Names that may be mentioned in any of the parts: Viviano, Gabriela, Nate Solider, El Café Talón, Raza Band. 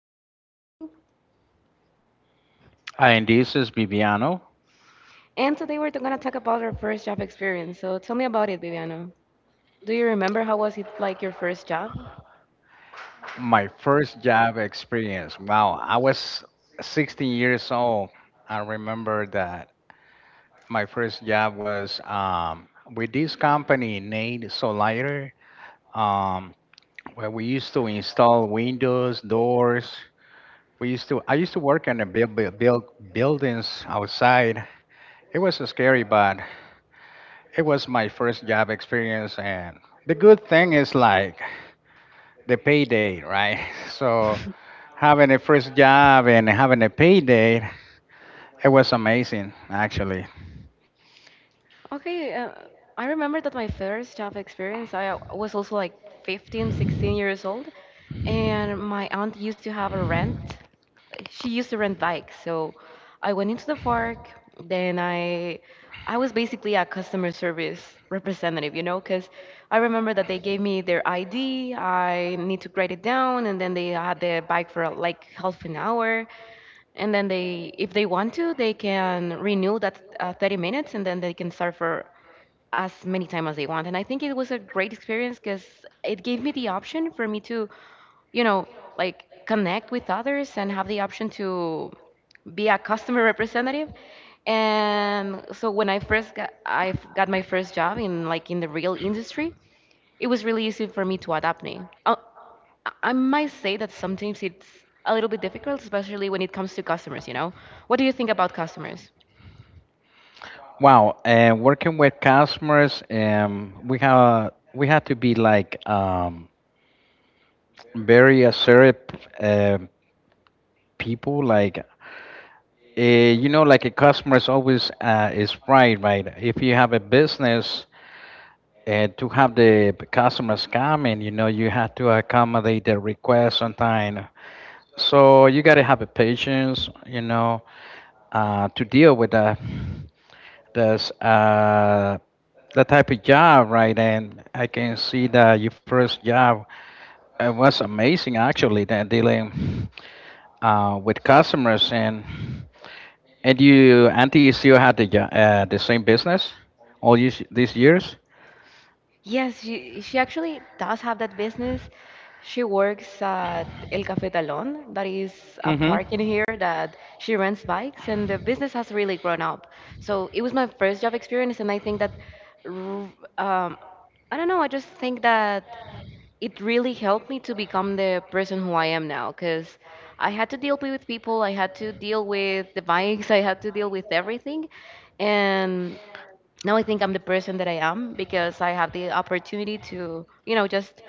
Gabriela speaking, And this is Viviano. and today we're going to talk about our first job experience. So tell me about it, Viviano. Do you remember how was it like your first job? My first job experience. Wow, I was 16 years old. I remember that my first job was with this company, Nate Solider, um, where we used to install windows, doors. We used to. I used to work in the build buildings outside. It was scary, but it was my first job experience, and the good thing is like the payday, right? So having a first job and having a payday, it was amazing actually. Okay, I remember that my first job experience, I was also like 15, 16 years old, and my aunt used to have a rent she used to rent bikes. So I went into the park. Then I was basically a customer service representative, you know, because I remember that they gave me their ID. I need to write it down, and then they had the bike for like half an hour. And then they, if they want to, they can renew that 30 minutes, and then they can start for as many time as they want. And I think it was a great experience because it gave me the option for me to, you know, like connect with others and have the option to be a customer representative. And so when I first got got my first job in like in the real industry, it was really easy for me to adapt me. I might say that sometimes it's a little bit difficult, especially when it comes to customers, you know. What do you think about customers? Wow, and working with customers, we had to be like very assertive uh, people. Like like a customer is always is right, right? If you have a business. To have the customers coming, you have to accommodate their requests on time. So you gotta have a patience, to deal with the this the type of job, right? And I can see that your first job it was amazing, actually, that dealing with customers and you, auntie, still had the the same business all these years. Yes, she actually does have that business. She works at El Café Talón, that is a Mm-hmm. park in here that she rents bikes, and the business has really grown up. So it was my first job experience, and I think that, r- um, I don't know, I just think that it really helped me to become the person who I am now, because I had to deal with people, I had to deal with the bikes, I had to deal with everything. Now I think I'm the person that I am because I have the opportunity to, you know, just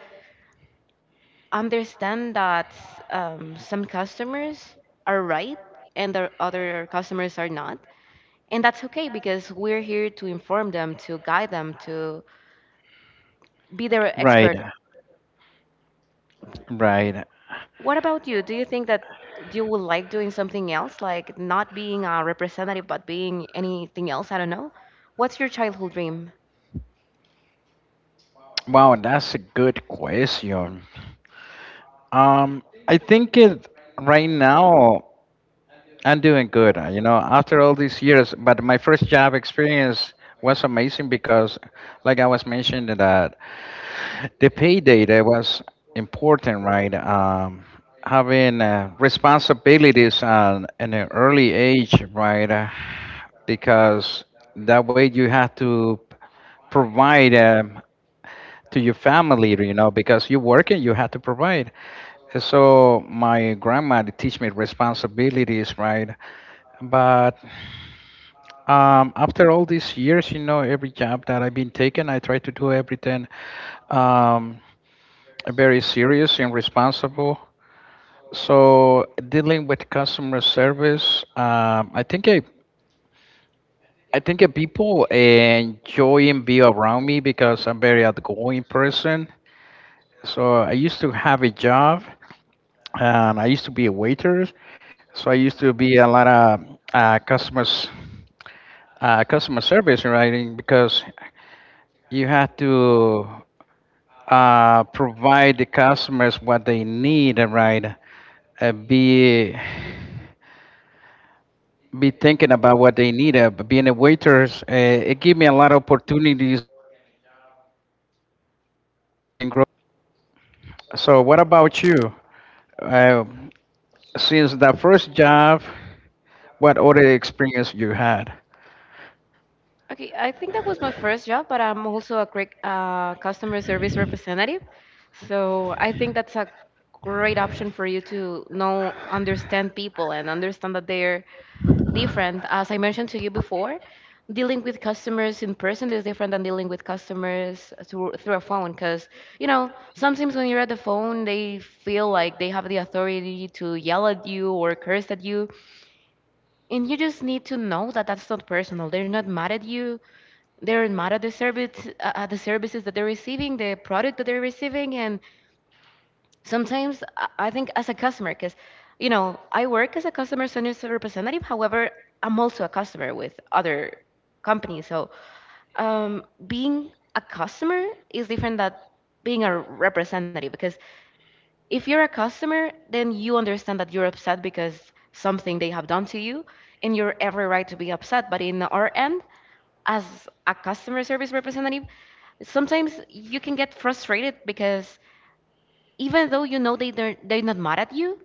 understand that some customers are right and the other customers are not. And that's okay because we're here to inform them, to guide them, to be their expert. What about you? Do you think that you would like doing something else, like not being a representative, but being anything else? I don't know. What's your childhood dream? Okay, I think that was my first job, but I'm also a great customer service representative. So I think that's a great option for you to know, understand people and understand that they're different. As I mentioned to you before, dealing with customers in person is different than dealing with customers through, a phone because, you know, sometimes when you're at the phone, they feel like they have the authority to yell at you or curse at you. And you just need to know that that's not personal. They're not mad at you, they're mad at the service, at the services that they're receiving, the product that they're receiving. And sometimes I think as a customer, because, you know, I work as a customer service representative, however I'm also a customer with other companies. So being a customer is different than being a representative, because if you're a customer then you understand that you're upset because something they have done to you and you're every right to be upset. But in our end as a customer service representative, sometimes you can get frustrated because even though they're not mad at you,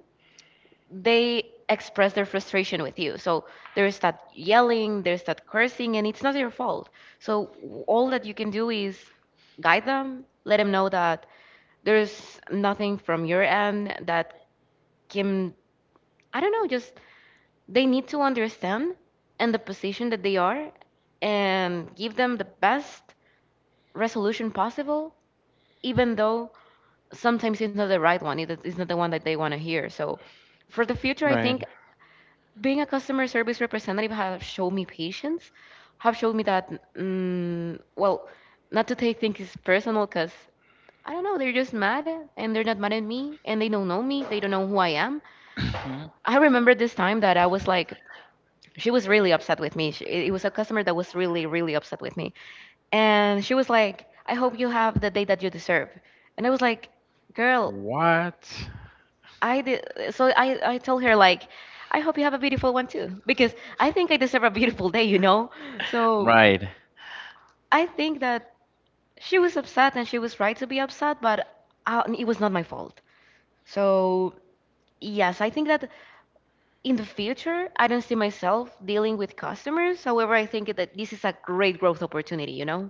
they express their frustration with you. So there's that yelling, there's that cursing, and it's not your fault. So all that you can do is guide them, let them know that there's nothing from your end that can, I don't know, just they need to understand and the position that they are and give them the best resolution possible, even though sometimes it's not the right one, it's not the one that they want to hear. So, for the future, I think being a customer service representative have shown me patience, have showed me that, well, not to take things personal because I don't know, they're just mad and they're not mad at me and they don't know me, they don't know who I am. I remember this time that I was like, she was really upset with me. It was a customer that was really, really upset with me. And she was like, I hope you have the day that you deserve. And I was like, girl, I did. So I told her like, I hope you have a beautiful one too, because I think I deserve a beautiful day, you know. So I think that she was upset and she was right to be upset, but it was not my fault. So yes, I think that in the future I don't see myself dealing with customers. However, I think that this is a great growth opportunity, you know.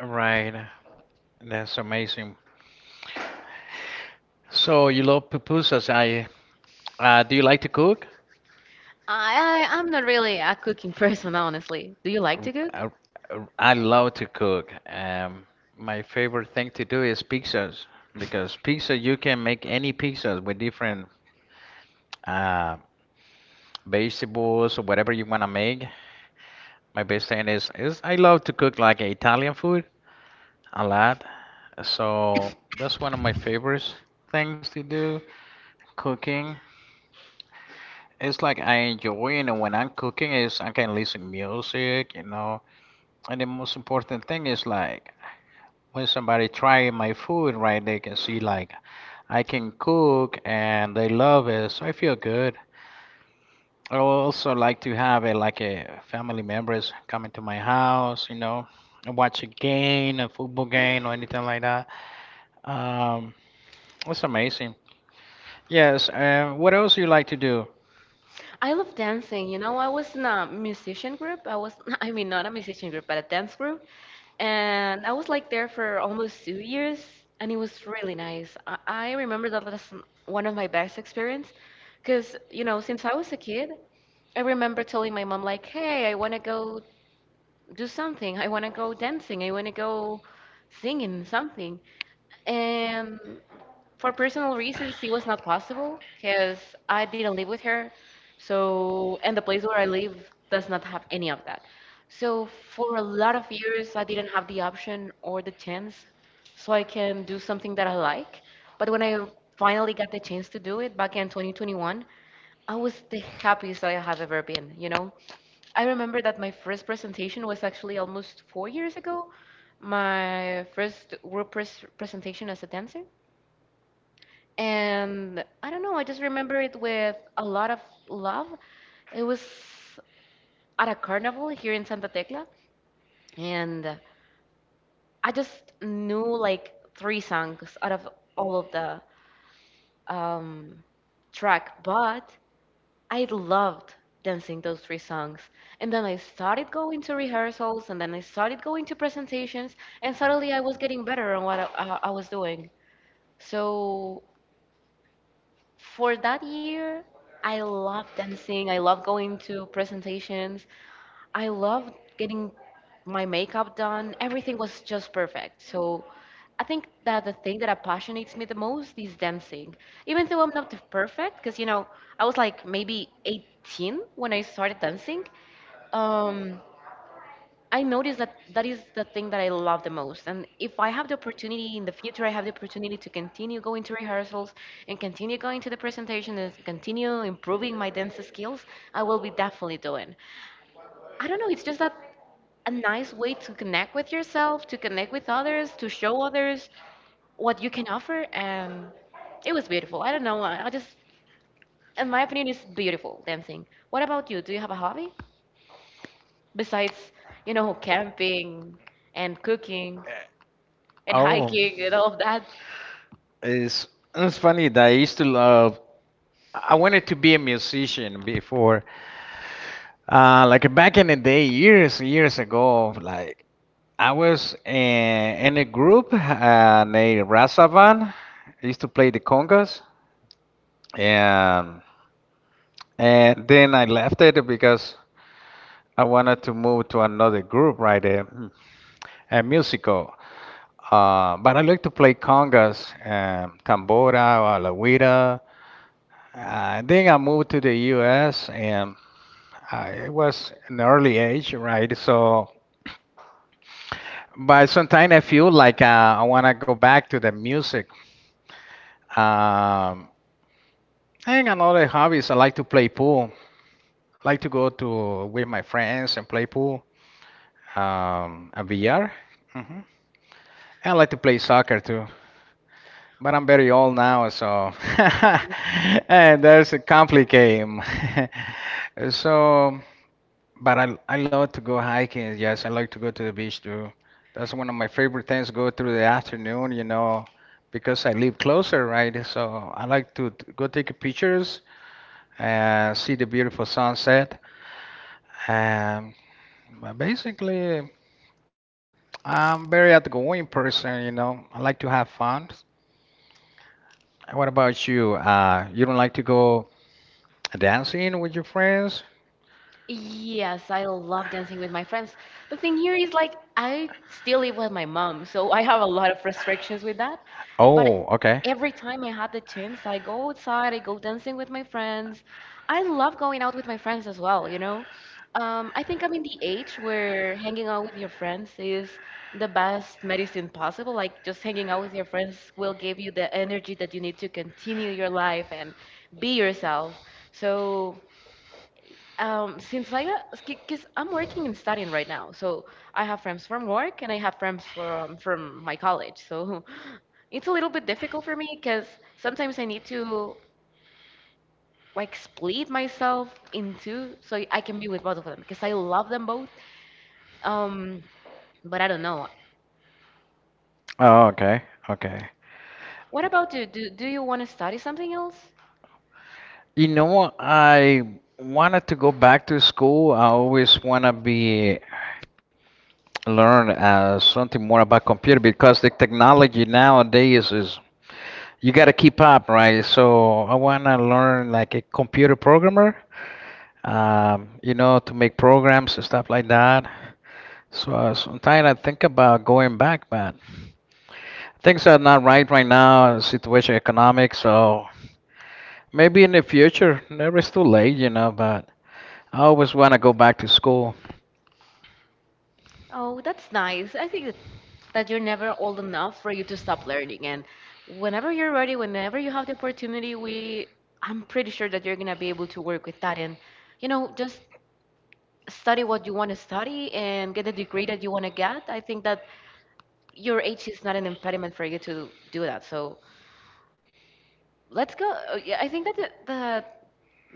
Right. That's amazing. So you love pupusas. I Do you like to cook? I love to cook. My favorite thing to do is pizzas because pizza you can make any pizzas with different uh, vegetables or whatever you want to make. My best thing is I love to cook like Italian food a lot. So that's one of my favorite things to do, cooking. It's like I enjoy, you know, when I'm cooking is I can listen music, you know. And the most important thing is like when somebody try my food, right? They can see like I can cook and they love it, so I feel good. I also like to have it like a family members coming to my house, you know, and watch a game, a football game or anything like that. Um, it's amazing. Yes. And what else you like to do? Oh. It's, it's funny that I used to love. I wanted to be a musician before, like back in the day, years ago. Like I was in a group named Raza Band. I used to play the congas, and and then I left it because I wanted to move to another group, right? A musical. But I like to play congas, tambora, or la guira. Then I moved to the U.S. and it was an early age, right? So, but sometimes I feel like I want to go back to the music. Um, and another hobbies, I like to play pool. I like to go to with my friends and play pool, and VR. hmm I like to play soccer too, but I'm very old now, so and there's a complicated. So But I love to go hiking. Yes, I like to go to the beach too. That's one of my favorite things, go through the afternoon, you know, because I live closer, right? So I like to go take pictures and see the beautiful sunset. Um, but basically, I'm very outgoing person, you know. I like to have fun. And what about you? You don't like to go dancing with your friends? Oh, okay. Oh, okay, okay. You know what?